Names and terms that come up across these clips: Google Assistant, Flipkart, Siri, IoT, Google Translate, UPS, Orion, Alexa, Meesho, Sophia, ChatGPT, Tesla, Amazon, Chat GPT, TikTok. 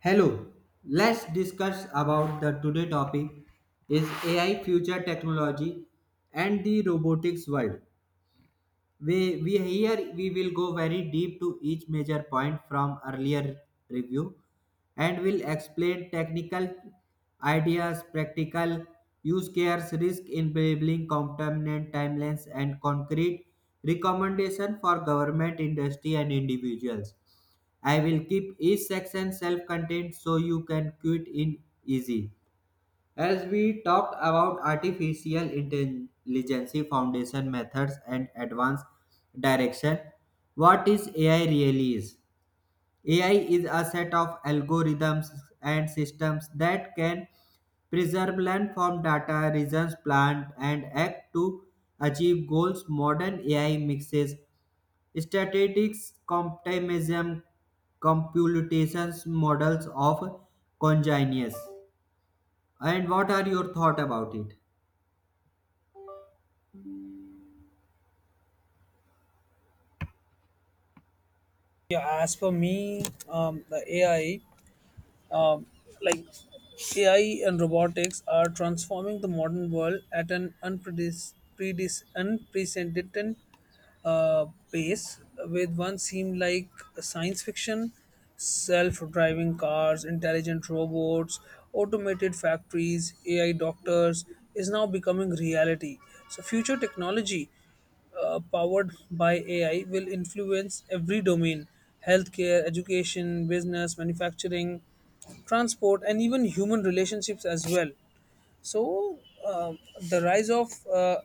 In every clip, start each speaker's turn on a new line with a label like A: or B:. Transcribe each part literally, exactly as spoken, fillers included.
A: Hello. Let's discuss about the today topic is A I future technology and the robotics world. We, we here we will go very deep to each major point from earlier review and will explain technical ideas, practical use cases, risk enabling component timelines and concrete recommendation for government, industry and individuals. I will keep each section self-contained so you can quit in easy. As we talked about artificial intelligence foundation methods and advanced direction, what is A I really is? A I is a set of algorithms and systems that can preserve land form data, reasons, plant, and act to achieve goals. Modern A I mixes statistics, comptimism, computations, models of congeners. And what are your thought about it?
B: Yeah, as for me, um, the A I, um, like A I and robotics are transforming the modern world at an unpredis- predis- unprecedented uh, pace, with one seem like science fiction, self-driving cars, intelligent robots, automated factories, A I doctors is now becoming reality. So future technology uh, powered by A I will influence every domain: healthcare, education, business, manufacturing, transport, and even human relationships as well. So, uh, the rise of uh,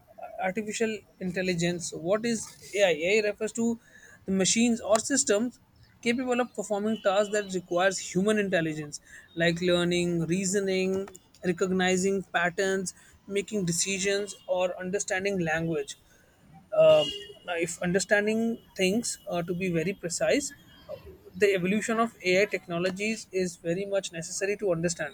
B: artificial intelligence. What is A I? A I refers to the machines or systems capable of performing tasks that requires human intelligence, like learning, reasoning, recognizing patterns, making decisions, or understanding language. um Now, if understanding things, uh, to be very precise, the evolution of A I technologies is very much necessary to understand.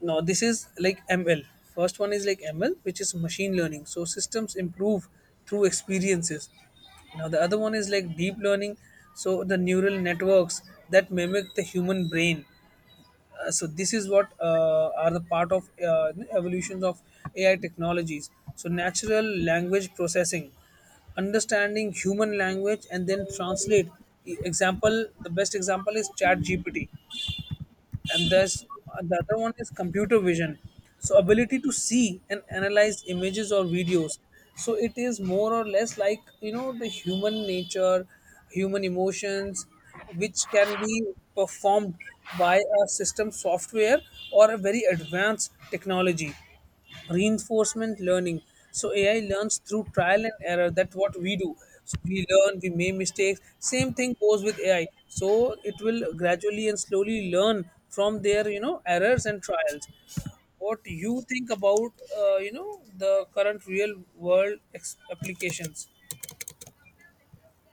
B: Now, this is like M L. First one is like M L, which is machine learning. So, systems improve through experiences. Now, the other one is like deep learning. So, the neural networks that mimic the human brain. Uh, so this is what uh, are the part of uh, evolutions of A I technologies. So natural language processing, understanding human language and then translate. E- Example: the best example is Chat G P T. And there's uh, the other one is computer vision, so ability to see and analyze images or videos. So it is more or less like, you know, the human nature, human emotions, which can be performed by a system software or a very advanced technology. Reinforcement learning, so AI learns through trial and error. That's what we do. So we learn, we make mistakes. Same thing goes with AI. So it will gradually and slowly learn from their, you know, errors and trials. What you think about, uh, you know the current real world ex- applications?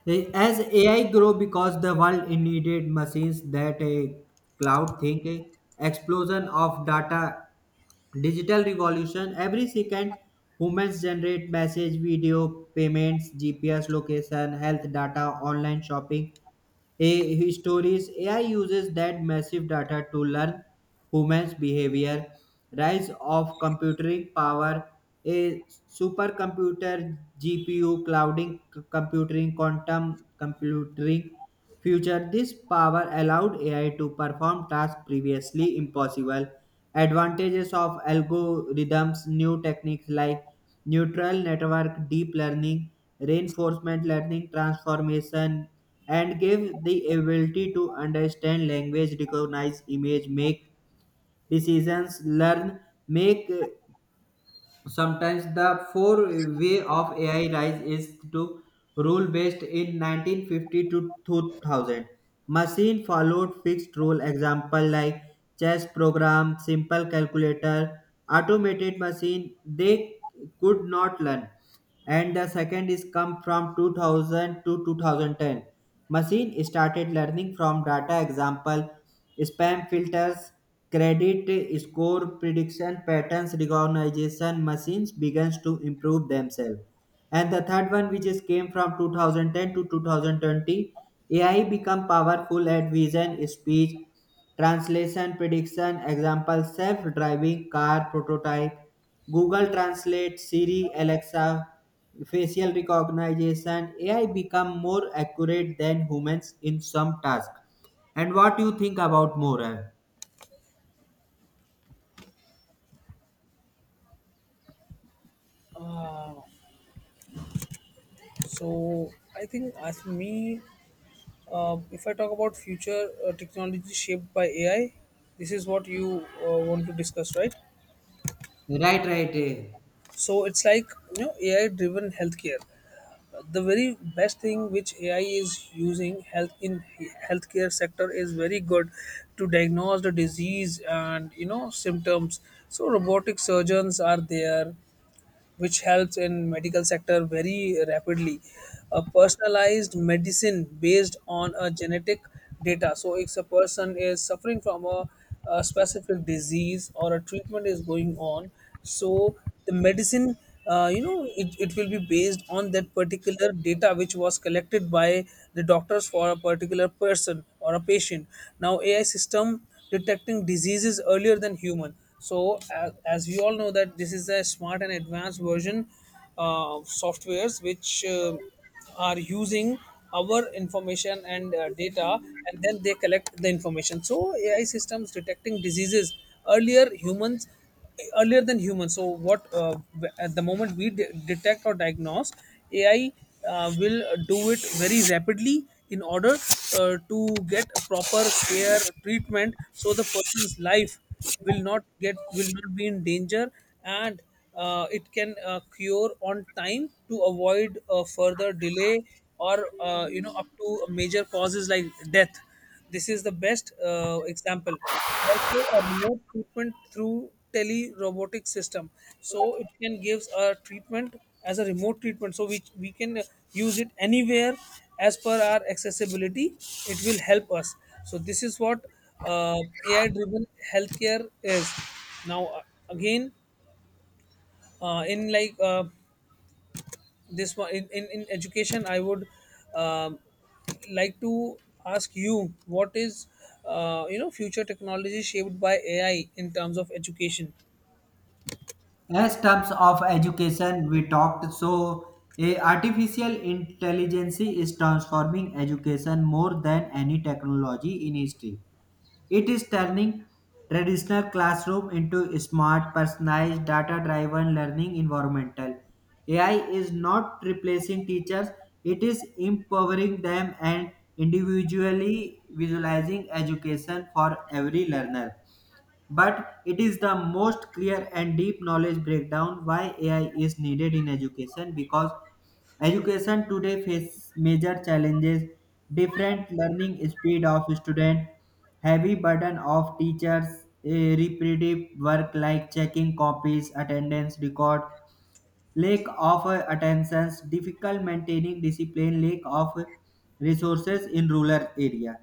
A: Eh, As A I grow because the world needed machines that a cloud think, eh, explosion of data, digital revolution. Every second, humans generate message, video, payments, G P S location, health data, online shopping. A stories A I uses that massive data to learn humans' behavior. Rise of computing power, a supercomputer, G P U, clouding, c- computing, quantum computing future. This power allowed A I to perform tasks previously impossible. Advantages of algorithms, new techniques like neural network, deep learning, reinforcement learning, transformation and give the ability to understand language, recognize image, make decisions, learn, make uh, sometimes the four way of A I rise is to rule based in nineteen fifty to two thousand. Machine followed fixed rule example like chess program, simple calculator, automated machine they could not learn. And the second is come from two thousand to two thousand ten. Machine started learning from data example spam filters, credit score prediction patterns recognition machines begins to improve themselves. And the third one, which is came from two thousand ten to two thousand twenty, A I become powerful at vision, speech, translation, prediction, example, self-driving car prototype, Google Translate, Siri, Alexa, facial recognition. A I become more accurate than humans in some tasks. And what you think about more? Eh?
B: uh, so I think, as for me, uh, if I talk about future uh, technology shaped by AI, this is what you uh, want to discuss, right?
A: Right, right. Eh.
B: So it's like, you know, AI driven healthcare. Uh, the very best thing which AI is using, health in he- healthcare sector is very good to diagnose the disease and, you know, symptoms. So robotic surgeons are there, which helps in medical sector very rapidly. A personalized medicine based on a genetic data. So if a person is suffering from a, a specific disease or a treatment is going on, so the medicine, uh, you know, it, it will be based on that particular data which was collected by the doctors for a particular person or a patient. Now AI system detecting diseases earlier than human. So, as, as we all know that this is a smart and advanced version uh, of softwares which uh, are using our information and uh, data, and then they collect the information. So AI systems detecting diseases earlier humans earlier than humans. So what uh, w- at the moment we de- detect or diagnose, A I uh, will do it very rapidly in order uh, to get a proper care treatment, so the person's life will not get will not be in danger and. Uh, it can uh, cure on time to avoid uh, further delay or uh, you know, up to major causes like death. This is the best uh, example. Also, a remote treatment through tele robotic system. So it can gives a treatment as a remote treatment. So we we can use it anywhere as per our accessibility. It will help us. So this is what uh, A I driven healthcare is. Now uh, again, uh, in like uh, this one in, in, in education, I would um, like to ask you, what is uh, you know, future technology shaped by AI in terms of education?
A: As terms of education, we talked so eh, artificial intelligence is transforming education more than any technology in history. It is turning traditional classroom into smart, personalized, data-driven learning environmental. A I is not replacing teachers; it is empowering them and individually visualizing education for every learner. But it is the most clear and deep knowledge breakdown why A I is needed in education because education today faces major challenges different learning speed of student heavy burden of teachers a repetitive work like checking copies attendance record lack of uh, attentions difficult maintaining discipline lack of resources in rural area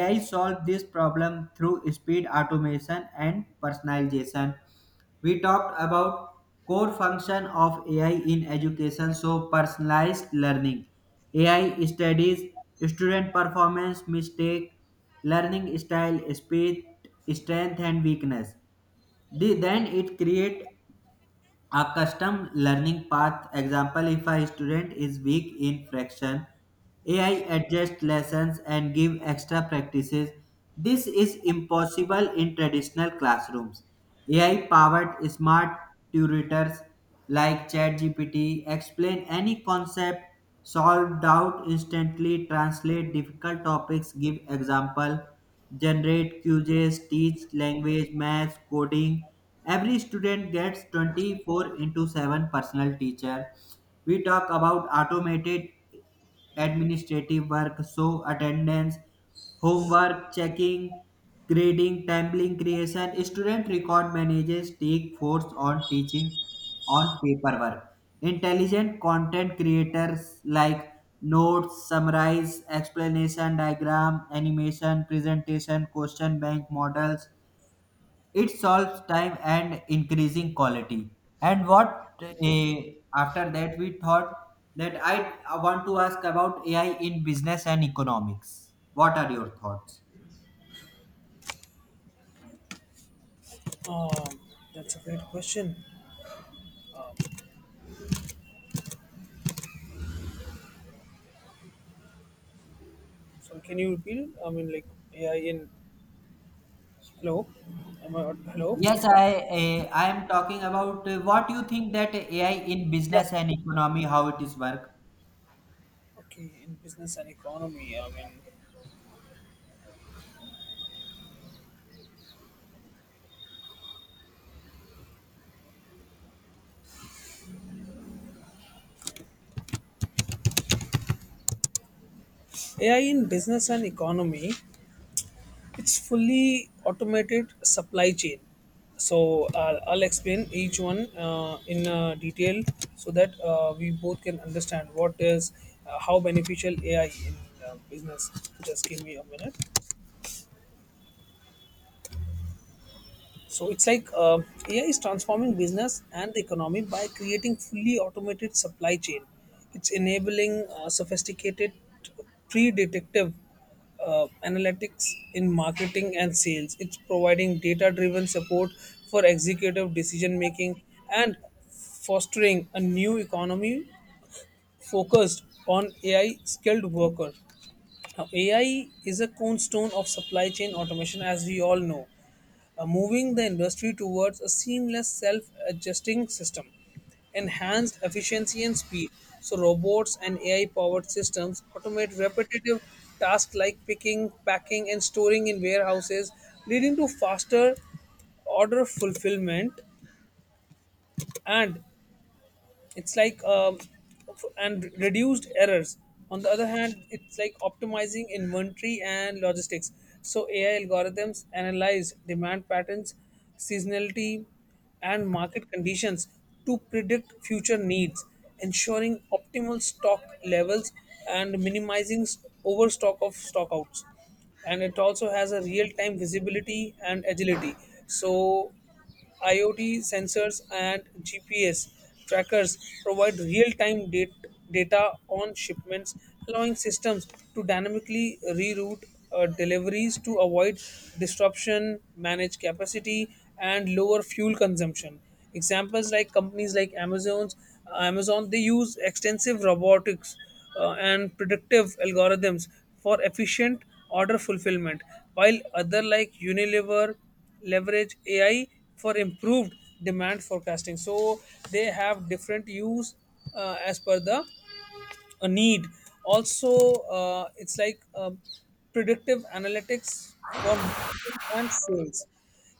A: AI solved this problem through speed automation and personalization. We talked about core function of AI in education, so personalized learning AI studies student performance mistake learning style speed strength and weakness. The- then it create a custom learning path example if a student is weak in fraction, A I adjusts lessons and give extra practices. This is impossible in traditional classrooms. A I powered smart tutors like ChatGPT explain any concept, solve doubt instantly, translate difficult topics, give example generate quizzes, teach language, math, coding. Every student gets twenty-four into seven personal teacher. We talk about automated administrative work, so attendance, homework, checking, grading, tabling creation. Student record manages take force on teaching on paperwork. Intelligent content creators like notes, summarize, explanation, diagram, animation, presentation, question bank models. It solves time and increasing quality. And what eh, after that we thought that I want to ask about A I in business and economics. What are your thoughts?
B: um, that's a great question. So can you repeat it? I mean, like, AI in, hello, am I on- hello.
A: Yes, I eh, I am talking about eh, what you think that A I in
B: Yeah,
A: business and economy how it is work.
B: okay. In business and economy, I mean, AI in business and economy. It's fully automated supply chain. So uh, I'll explain each one uh, in uh, detail, so that uh, we both can understand what is uh, how beneficial A I in uh, business. Just give me a minute. So it's like uh, A I is transforming business and the economy by creating fully automated supply chain. It's enabling uh, sophisticated pre-detective uh, analytics in marketing and sales. It's providing data-driven support for executive decision making and fostering a new economy focused on A I skilled workers. Now, A I is a cornerstone of supply chain automation, as we all know, uh, moving the industry towards a seamless, self adjusting system, enhanced efficiency and speed. So, robots and A I powered systems automate repetitive tasks like picking, packing, and storing in warehouses, leading to faster order fulfillment and it's like um, f- and reduced errors. On the other hand, it's like optimizing inventory and logistics. So AI algorithms analyze demand patterns, seasonality, and market conditions to predict future needs, ensuring optimal stock levels and minimizing s- overstock of stockouts. And it also has a real time visibility and agility. So IoT sensors and G P S trackers provide real time data on shipments, allowing systems to dynamically reroute uh, deliveries to avoid disruption, manage capacity, and lower fuel consumption. Examples like companies like Amazon's uh, Amazon, they use extensive robotics uh, and predictive algorithms for efficient order fulfillment, while other like Unilever leverage A I for improved demand forecasting. So they have different use uh, as per the uh, need. Also, uh, it's like um, predictive analytics for marketing and sales.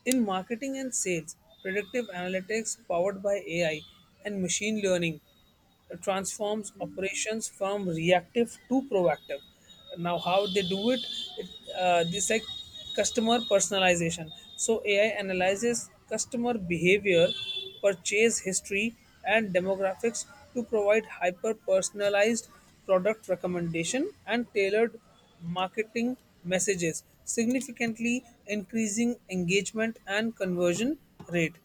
B: In marketing and sales, predictive analytics powered by A I and machine learning transforms operations from reactive to proactive. Now how they do it, it uh, this like customer personalization. So AI analyzes customer behavior, purchase history, and demographics to provide hyper personalized product recommendation and tailored marketing messages, significantly increasing engagement and conversion rate.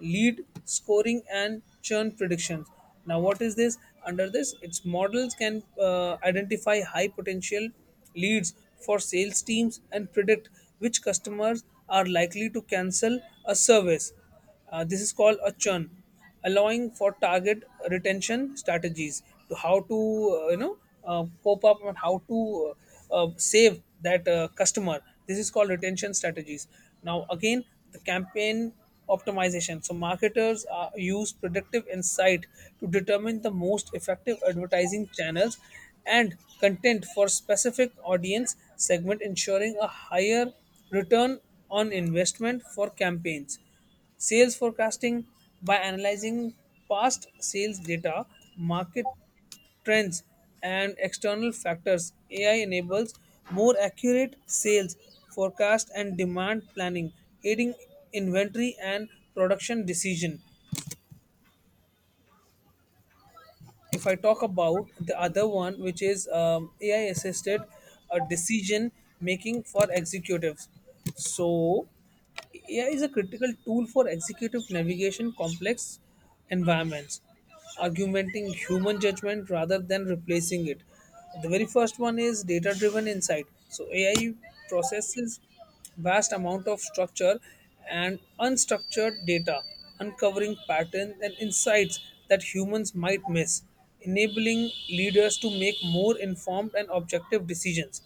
B: Lead scoring and churn predictions. Now what is this? Under this, its models can uh, identify high potential leads for sales teams and predict which customers are likely to cancel a service, uh, this is called a churn, allowing for target retention strategies, to how to uh, you know uh, cope up and how to uh, uh, save that uh, customer. This is called retention strategies. Now again, the campaign optimization. So marketers uh, use predictive insight to determine the most effective advertising channels and content for specific audience segment, ensuring a higher return on investment for campaigns. Sales forecasting, by analyzing past sales data, market trends, and external factors, A I enables more accurate sales forecast and demand planning, aiding inventory and production decision. If I talk about the other one, which is um, A I assisted uh, decision making for executives. So, A I is a critical tool for executive navigation complex environments, augmenting human judgment rather than replacing it. The very first one is data driven insight. So, A I processes vast amount of structure and unstructured data, uncovering patterns and insights that humans might miss, enabling leaders to make more informed and objective decisions.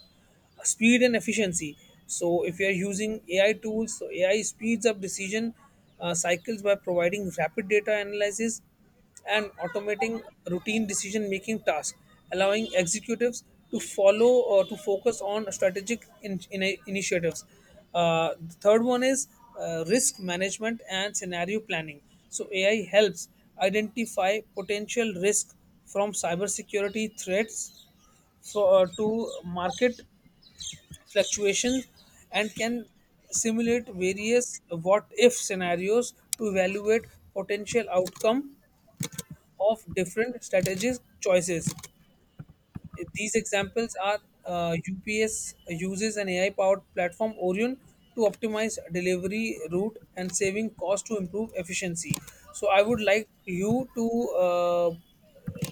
B: Speed and efficiency. So, if you are using A I tools, so A I speeds up decision uh, cycles by providing rapid data analysis and automating routine decision making tasks, allowing executives to follow or to focus on strategic in, in- initiatives. Uh, the third one is uh, risk management and scenario planning. So, A I helps identify potential risk from cybersecurity threats for, uh, to market fluctuations, and can simulate various what if scenarios to evaluate potential outcome of different strategies choices. These examples are uh, U P S uses an A I powered platform Orion to optimize delivery route and saving cost to improve efficiency. So I would like you to uh,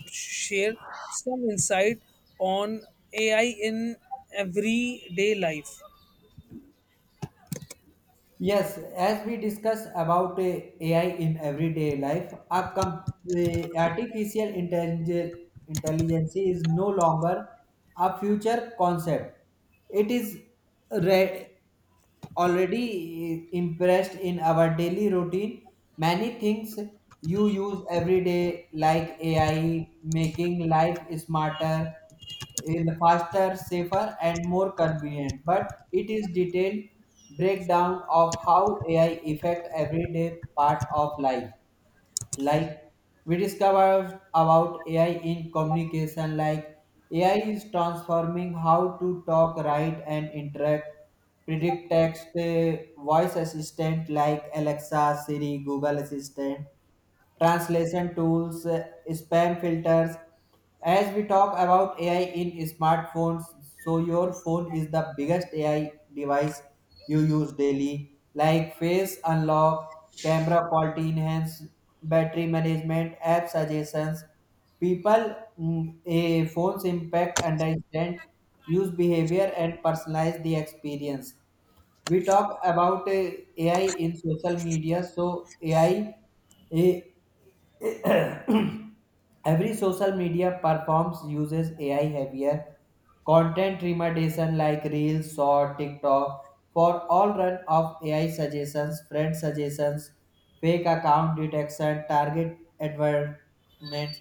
B: share some insight on A I in everyday life.
A: Yes, as we discuss about uh, A I in everyday life, our com- uh, artificial intelligence, intelligence is no longer a future concept. It is re- already impressed in our daily routine. Many things you use every day, like A I, making life smarter, in faster, safer, and more convenient. But it is detailed breakdown of how A I affect everyday part of life like we discovered about A I in communication, like A I is transforming how to talk, write, and interact. Predict text, uh, voice assistant like Alexa, Siri, Google Assistant, translation tools, uh, spam filters. As we talk about A I in smartphones, so your phone is the biggest A I device you use daily, like face unlock, camera quality enhance, battery management, app suggestions. People mm, a phone's impact, understand use behavior, and personalize the experience. We talk about uh, A I in social media. So A I, eh, every social media platforms uses A I heavier content recommendation like Reels, Short, TikTok for all run of A I suggestions, friend suggestions, fake account detection, target advertisements.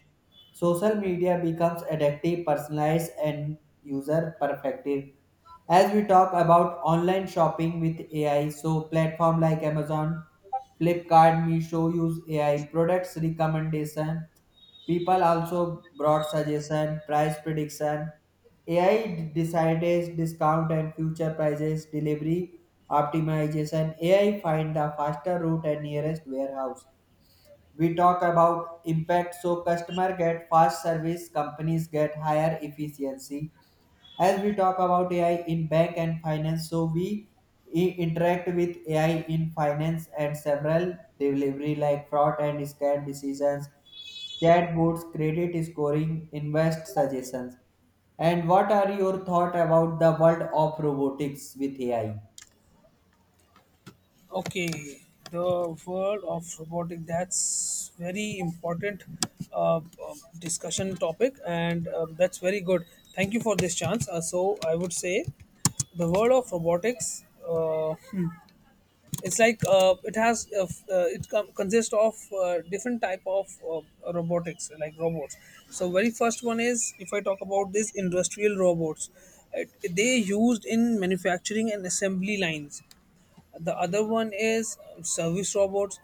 A: Social media becomes addictive, personalized, and user perfective. As we talk about online shopping with A I, so platform like Amazon, Flipkart, Meesho use A I in products recommendation. People also brought suggestion, price prediction. A I decides discount and future prices, delivery optimization. A I find the faster route and nearest warehouse. We talk about impact so customer get fast service, companies get higher efficiency as we talk about A I in bank and finance, so we i- interact with A I in finance and several delivery like fraud and scam decisions, chatbots, credit scoring, invest suggestions. And what are your thought about the world of robotics with A I?
B: Okay, the world of robotic, that's very important uh, um, discussion topic, and um, that's very good. Thank you for this chance. Uh, so I would say the world of robotics. Uh, it's like uh, it has uh, f- uh, it com- consists of uh, different type of uh, robotics like robots. So very first one is, if I talk about this, industrial robots, it, they used in manufacturing and assembly lines. The other one is um, service robots.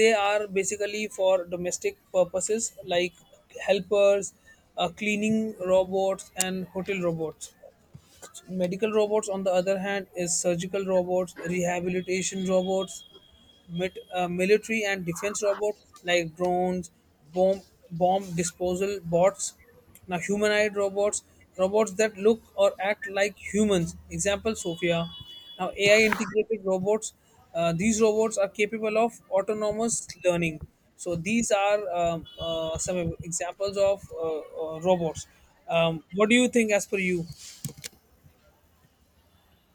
B: They are basically for domestic purposes, like helpers, uh, cleaning robots, and hotel robots robots. Medical robots, on the other hand, is surgical robots, rehabilitation robots, mit, uh, military and defense robots like drones, bomb bomb disposal bots. Now humanoid robots, robots that look or act like humans. Example: Sophia. Now A I integrated robots. Uh, these robots are capable of autonomous learning. So these are um, uh, some examples of uh, uh, robots. Um, what do you think, as per you?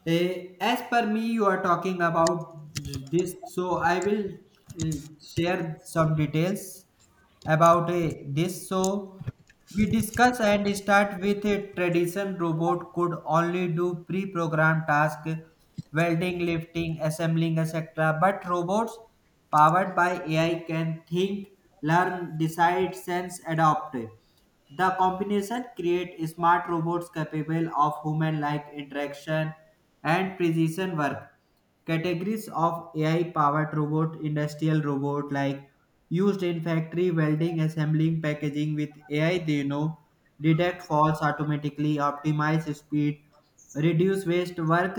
A: Eh, as per me, you are talking about this, so I will mm, share some details about eh, this. So we discuss and start with a tradition robot could only do pre-programmed tasks, welding, lifting, assembling, et cetera. But robots powered by A I can think, learn, decide, sense, adopt. The combination create smart robots capable of human-like interaction and precision work. Categories of A I-powered robot, industrial robot like used in factory welding, assembling, packaging with A I, they know detect faults automatically, optimize speed, reduce waste, work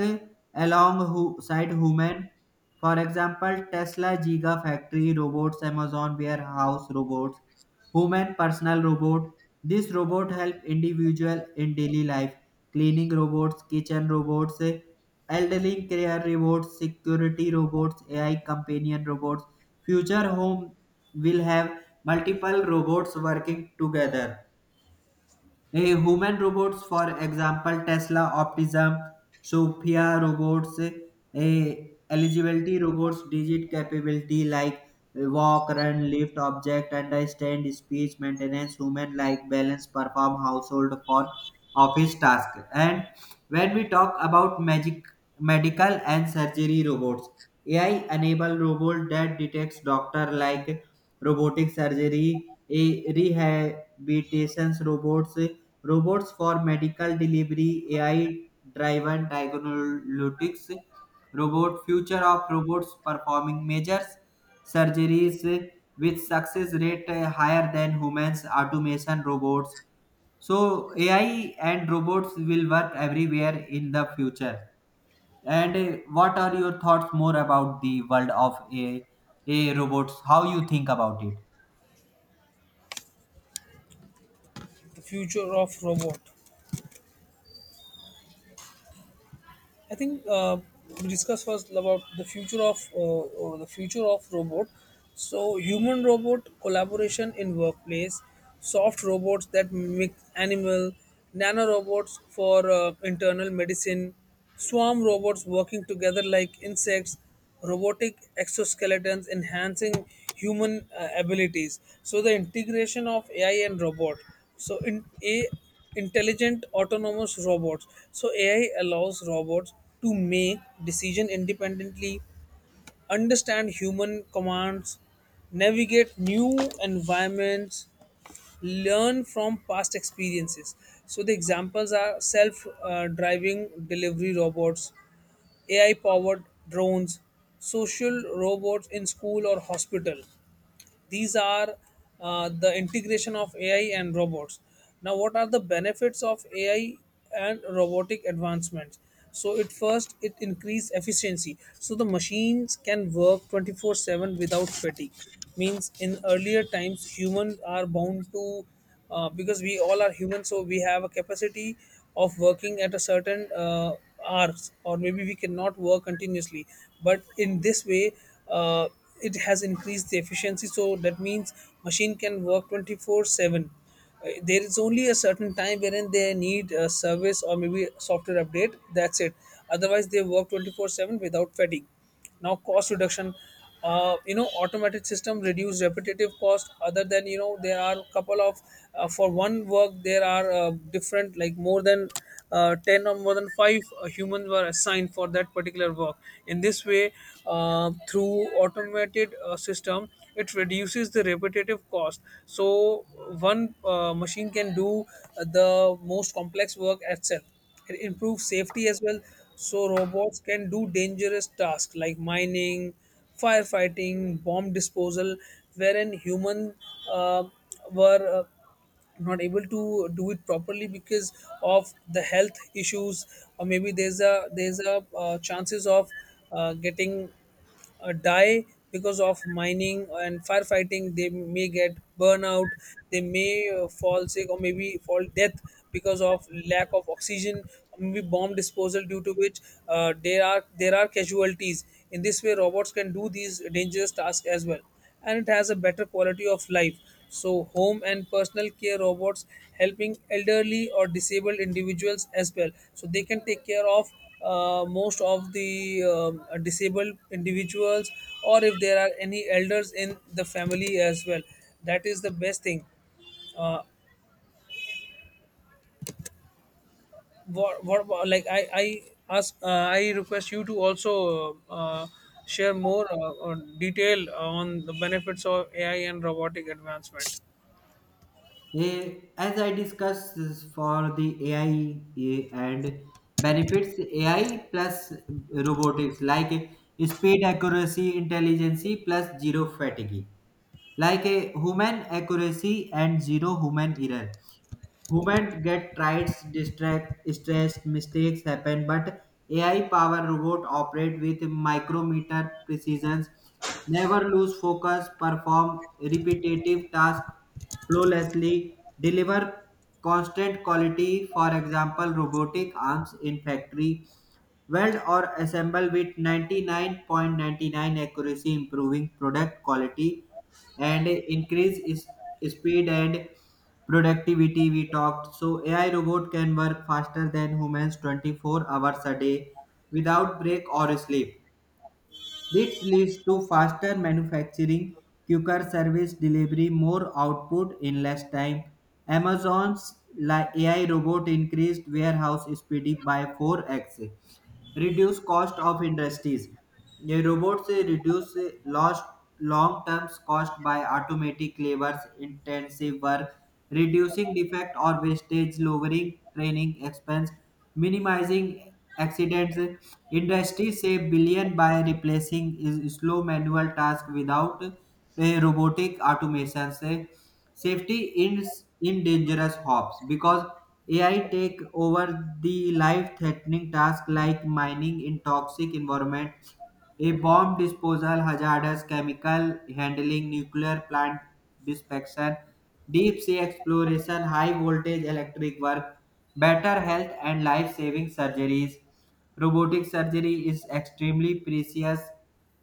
A: alongside human. For example, Tesla Giga factory robots, Amazon warehouse robots, human personal robot this robot help individual in daily life, cleaning robots, kitchen robots, eh, elderly care robots, security robots, A I companion robots. Future home will have multiple robots working together. A human robots, for example, Tesla, Optimism, Sophia robots, a eligibility robots, digit capability like walk, run, lift, object, understand, speech, maintenance, human like balance, perform household for office task. And when we talk about magic, medical and surgery robots, A I enable robot that detects doctor like robotic surgery, a rehabilitation robots robots for medical delivery, A I-driven diagnostics, robot future of robots performing major surgeries with success rate uh, higher than humans, automation robots. So A I and robots will work everywhere in the future. And uh, what are your thoughts more about the world of a, a robots? How you think about it?
B: The future of robot. I think uh, we discussed first about the future of uh, or the future of robot. So human robot collaboration in workplace, soft robots that mimic animal, nano robots for uh, internal medicine, swarm robots working together like insects. Robotic exoskeletons enhancing human uh, abilities. So the integration of AI and robot, so in a intelligent autonomous robots, so AI allows robots to make decision independently, understand human commands, navigate new environments, learn from past experiences. So the examples are self-driving delivery robots, A I-powered drones, social robots in school or hospital. These are uh, the integration of A I and robots. Now, what are the benefits of A I and robotic advancements? So, it first it increase efficiency. So the machines can work twenty four seven without fatigue. Means in earlier times, humans are bound to, uh, because we all are human, so we have a capacity of working at a certain uh, hours, or maybe we cannot work continuously, but in this way uh, it has increased the efficiency, so that means machine can work twenty four seven. Uh, there is only a certain time wherein they need a service or maybe software update. That's it. Otherwise, they work twenty four seven without fatigue. Now, cost reduction. Uh, you know, automated system reduce repetitive cost. Other than you know, there are couple of uh, for one work, there are uh, different, like more than uh, ten or more than five uh, humans were assigned for that particular work. In this way, uh, through automated uh, system, it reduces the repetitive cost, so one uh, machine can do the most complex work itself. It improves safety as well, so robots can do dangerous tasks like mining, firefighting, bomb disposal, wherein human uh, were uh, not able to do it properly because of the health issues, or maybe there's a there's a uh, chances of uh, getting uh, die because of mining and firefighting. They may get burnout, they may uh, fall sick or maybe fall death because of lack of oxygen, or maybe bomb disposal, due to which uh, there are there are casualties. In this way, robots can do these dangerous tasks as well. And it has a better quality of life. So, home and personal care robots helping elderly or disabled individuals as well. So, they can take care of uh, most of the um, disabled individuals, or if there are any elders in the family as well. That is the best thing. Uh, what, what about- like I I ask, uh, I request you to also uh, share more uh, on detail on the benefits of A I and robotic advancement.
A: Eh, As I discussed is for the A I eh, and benefits, A I plus robotics like eh, speed, accuracy, intelligence plus zero fatigue. Like a human accuracy and zero human error. Humans get tired, distract, stressed, mistakes happen, but A I-powered robot operate with micrometer precision, never lose focus, perform repetitive tasks flawlessly, deliver constant quality. For example, robotic arms in factory weld or assemble with ninety-nine point nine nine accuracy, improving product quality and increase is- speed and productivity we talked. So A I robot can work faster than humans twenty-four hours a day without break or sleep. This leads to faster manufacturing, quicker service delivery, more output in less time. Amazon's li- A I robot increased warehouse speed by four x reduce cost of industries. The robots uh, reduce uh, lost long-term cost by automatic labors intensive work, reducing defect or wastage, lowering training expense, minimizing accidents. Industry save billion by replacing is- slow manual tasks without uh, robotic automations. Safety ends in dangerous hops because A I take over the life-threatening tasks like mining in toxic environment, a bomb disposal, hazardous chemical handling, nuclear plant dispersal, deep sea exploration, high voltage electric work, better health and life-saving surgeries. Robotic surgery is extremely precious,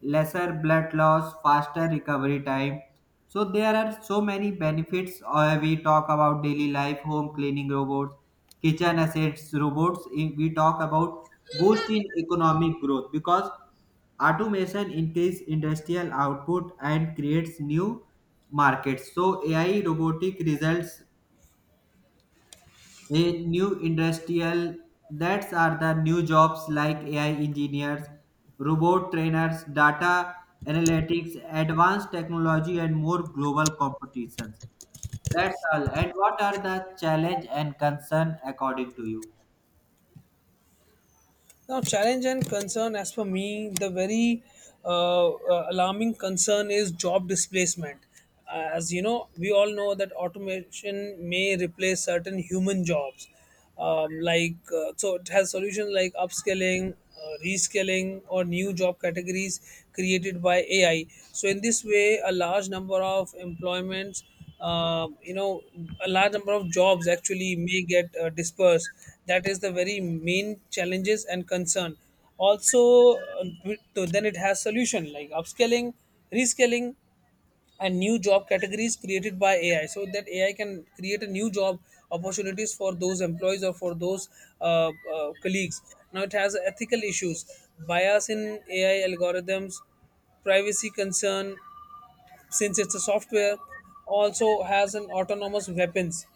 A: lesser blood loss, faster recovery time. So there are so many benefits. Uh, we talk about daily life, home cleaning robots, kitchen assets robots. In- We talk about boost in economic growth because automation increase industrial output and creates new markets so AI robotic results a new industrial that's are the new jobs like AI engineers robot trainers data analytics advanced technology and more global competitions. That's all, and what are the challenge and concern according to you?
B: Now, challenge and concern, as for me, the very uh, uh, alarming concern is job displacement. Uh, As you know, we all know that automation may replace certain human jobs. Um, like, uh, so it has solutions like upskilling, uh, reskilling, or new job categories created by A I. So, in this way, a large number of employments, uh, you know a large number of jobs actually may get uh, dispersed. That is the very main challenges and concern. Also, uh, to- then it has solution like upscaling, rescaling, and new job categories created by AI, so that AI can create a new job opportunities for those employees or for those uh, uh, colleagues. Now it has ethical issues, bias in AI algorithms, privacy concern, since it's a software. Also has an autonomous weapons,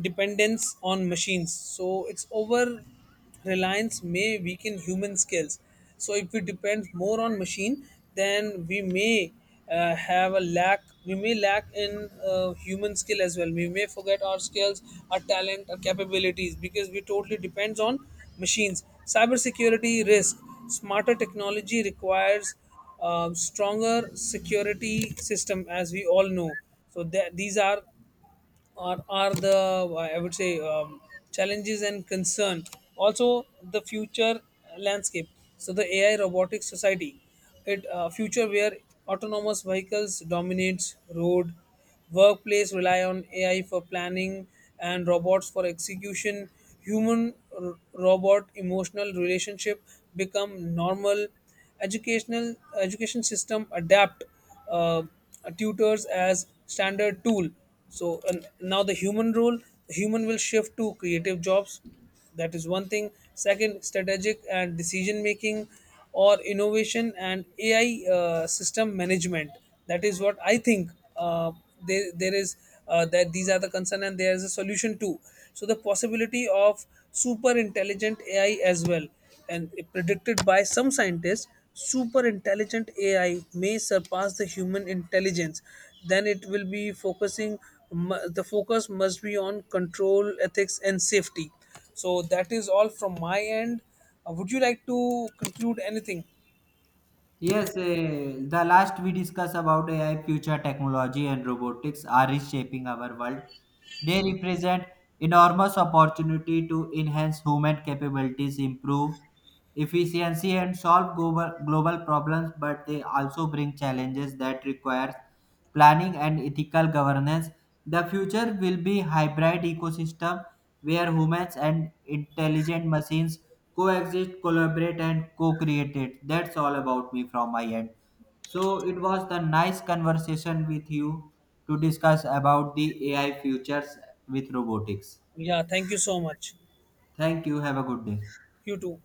B: dependence on machines. So its over reliance may weaken human skills. So if we depend more on machine, then we may uh, have a lack. We may lack in uh, human skill as well. We may forget our skills, our talent, our capabilities because we totally depends on machines. Cybersecurity risk. Smarter technology requires um, stronger security system, as we all know. So that these are are, are the, I would say, um, challenges and concern. Also, the future landscape. So the A I robotic society, it uh, future where autonomous vehicles dominates road, workplace rely on A I for planning and robots for execution. Human r- Robot emotional relationship become normal. educational Education system adapt uh, tutors as standard tool. So and now the human role, the human will shift to creative jobs. That is one thing. Second, strategic and decision making, or innovation and AI uh, system management. That is what I think. Uh, there, there is uh, That these are the concern and there is a solution too. So the possibility of super intelligent AI as well, and predicted by some scientists, super intelligent A I may surpass the human intelligence. Then it will be focusing, mu- the focus must be on control, ethics, and safety. So that is all from my end. Uh, would you like to conclude anything?
A: Yes, eh, the last we discussed about A I future technology and robotics are reshaping our world. They represent enormous opportunity to enhance human capabilities, improve efficiency, and solve global, global problems, but they also bring challenges that require planning and ethical governance. The future will be hybrid ecosystem where humans and intelligent machines coexist, collaborate, and co create. It. That's all about me from my end. So, it was the nice conversation with you to discuss about the A I futures with robotics.
B: Yeah, thank you so much.
A: Thank you. Have a good day.
B: You too.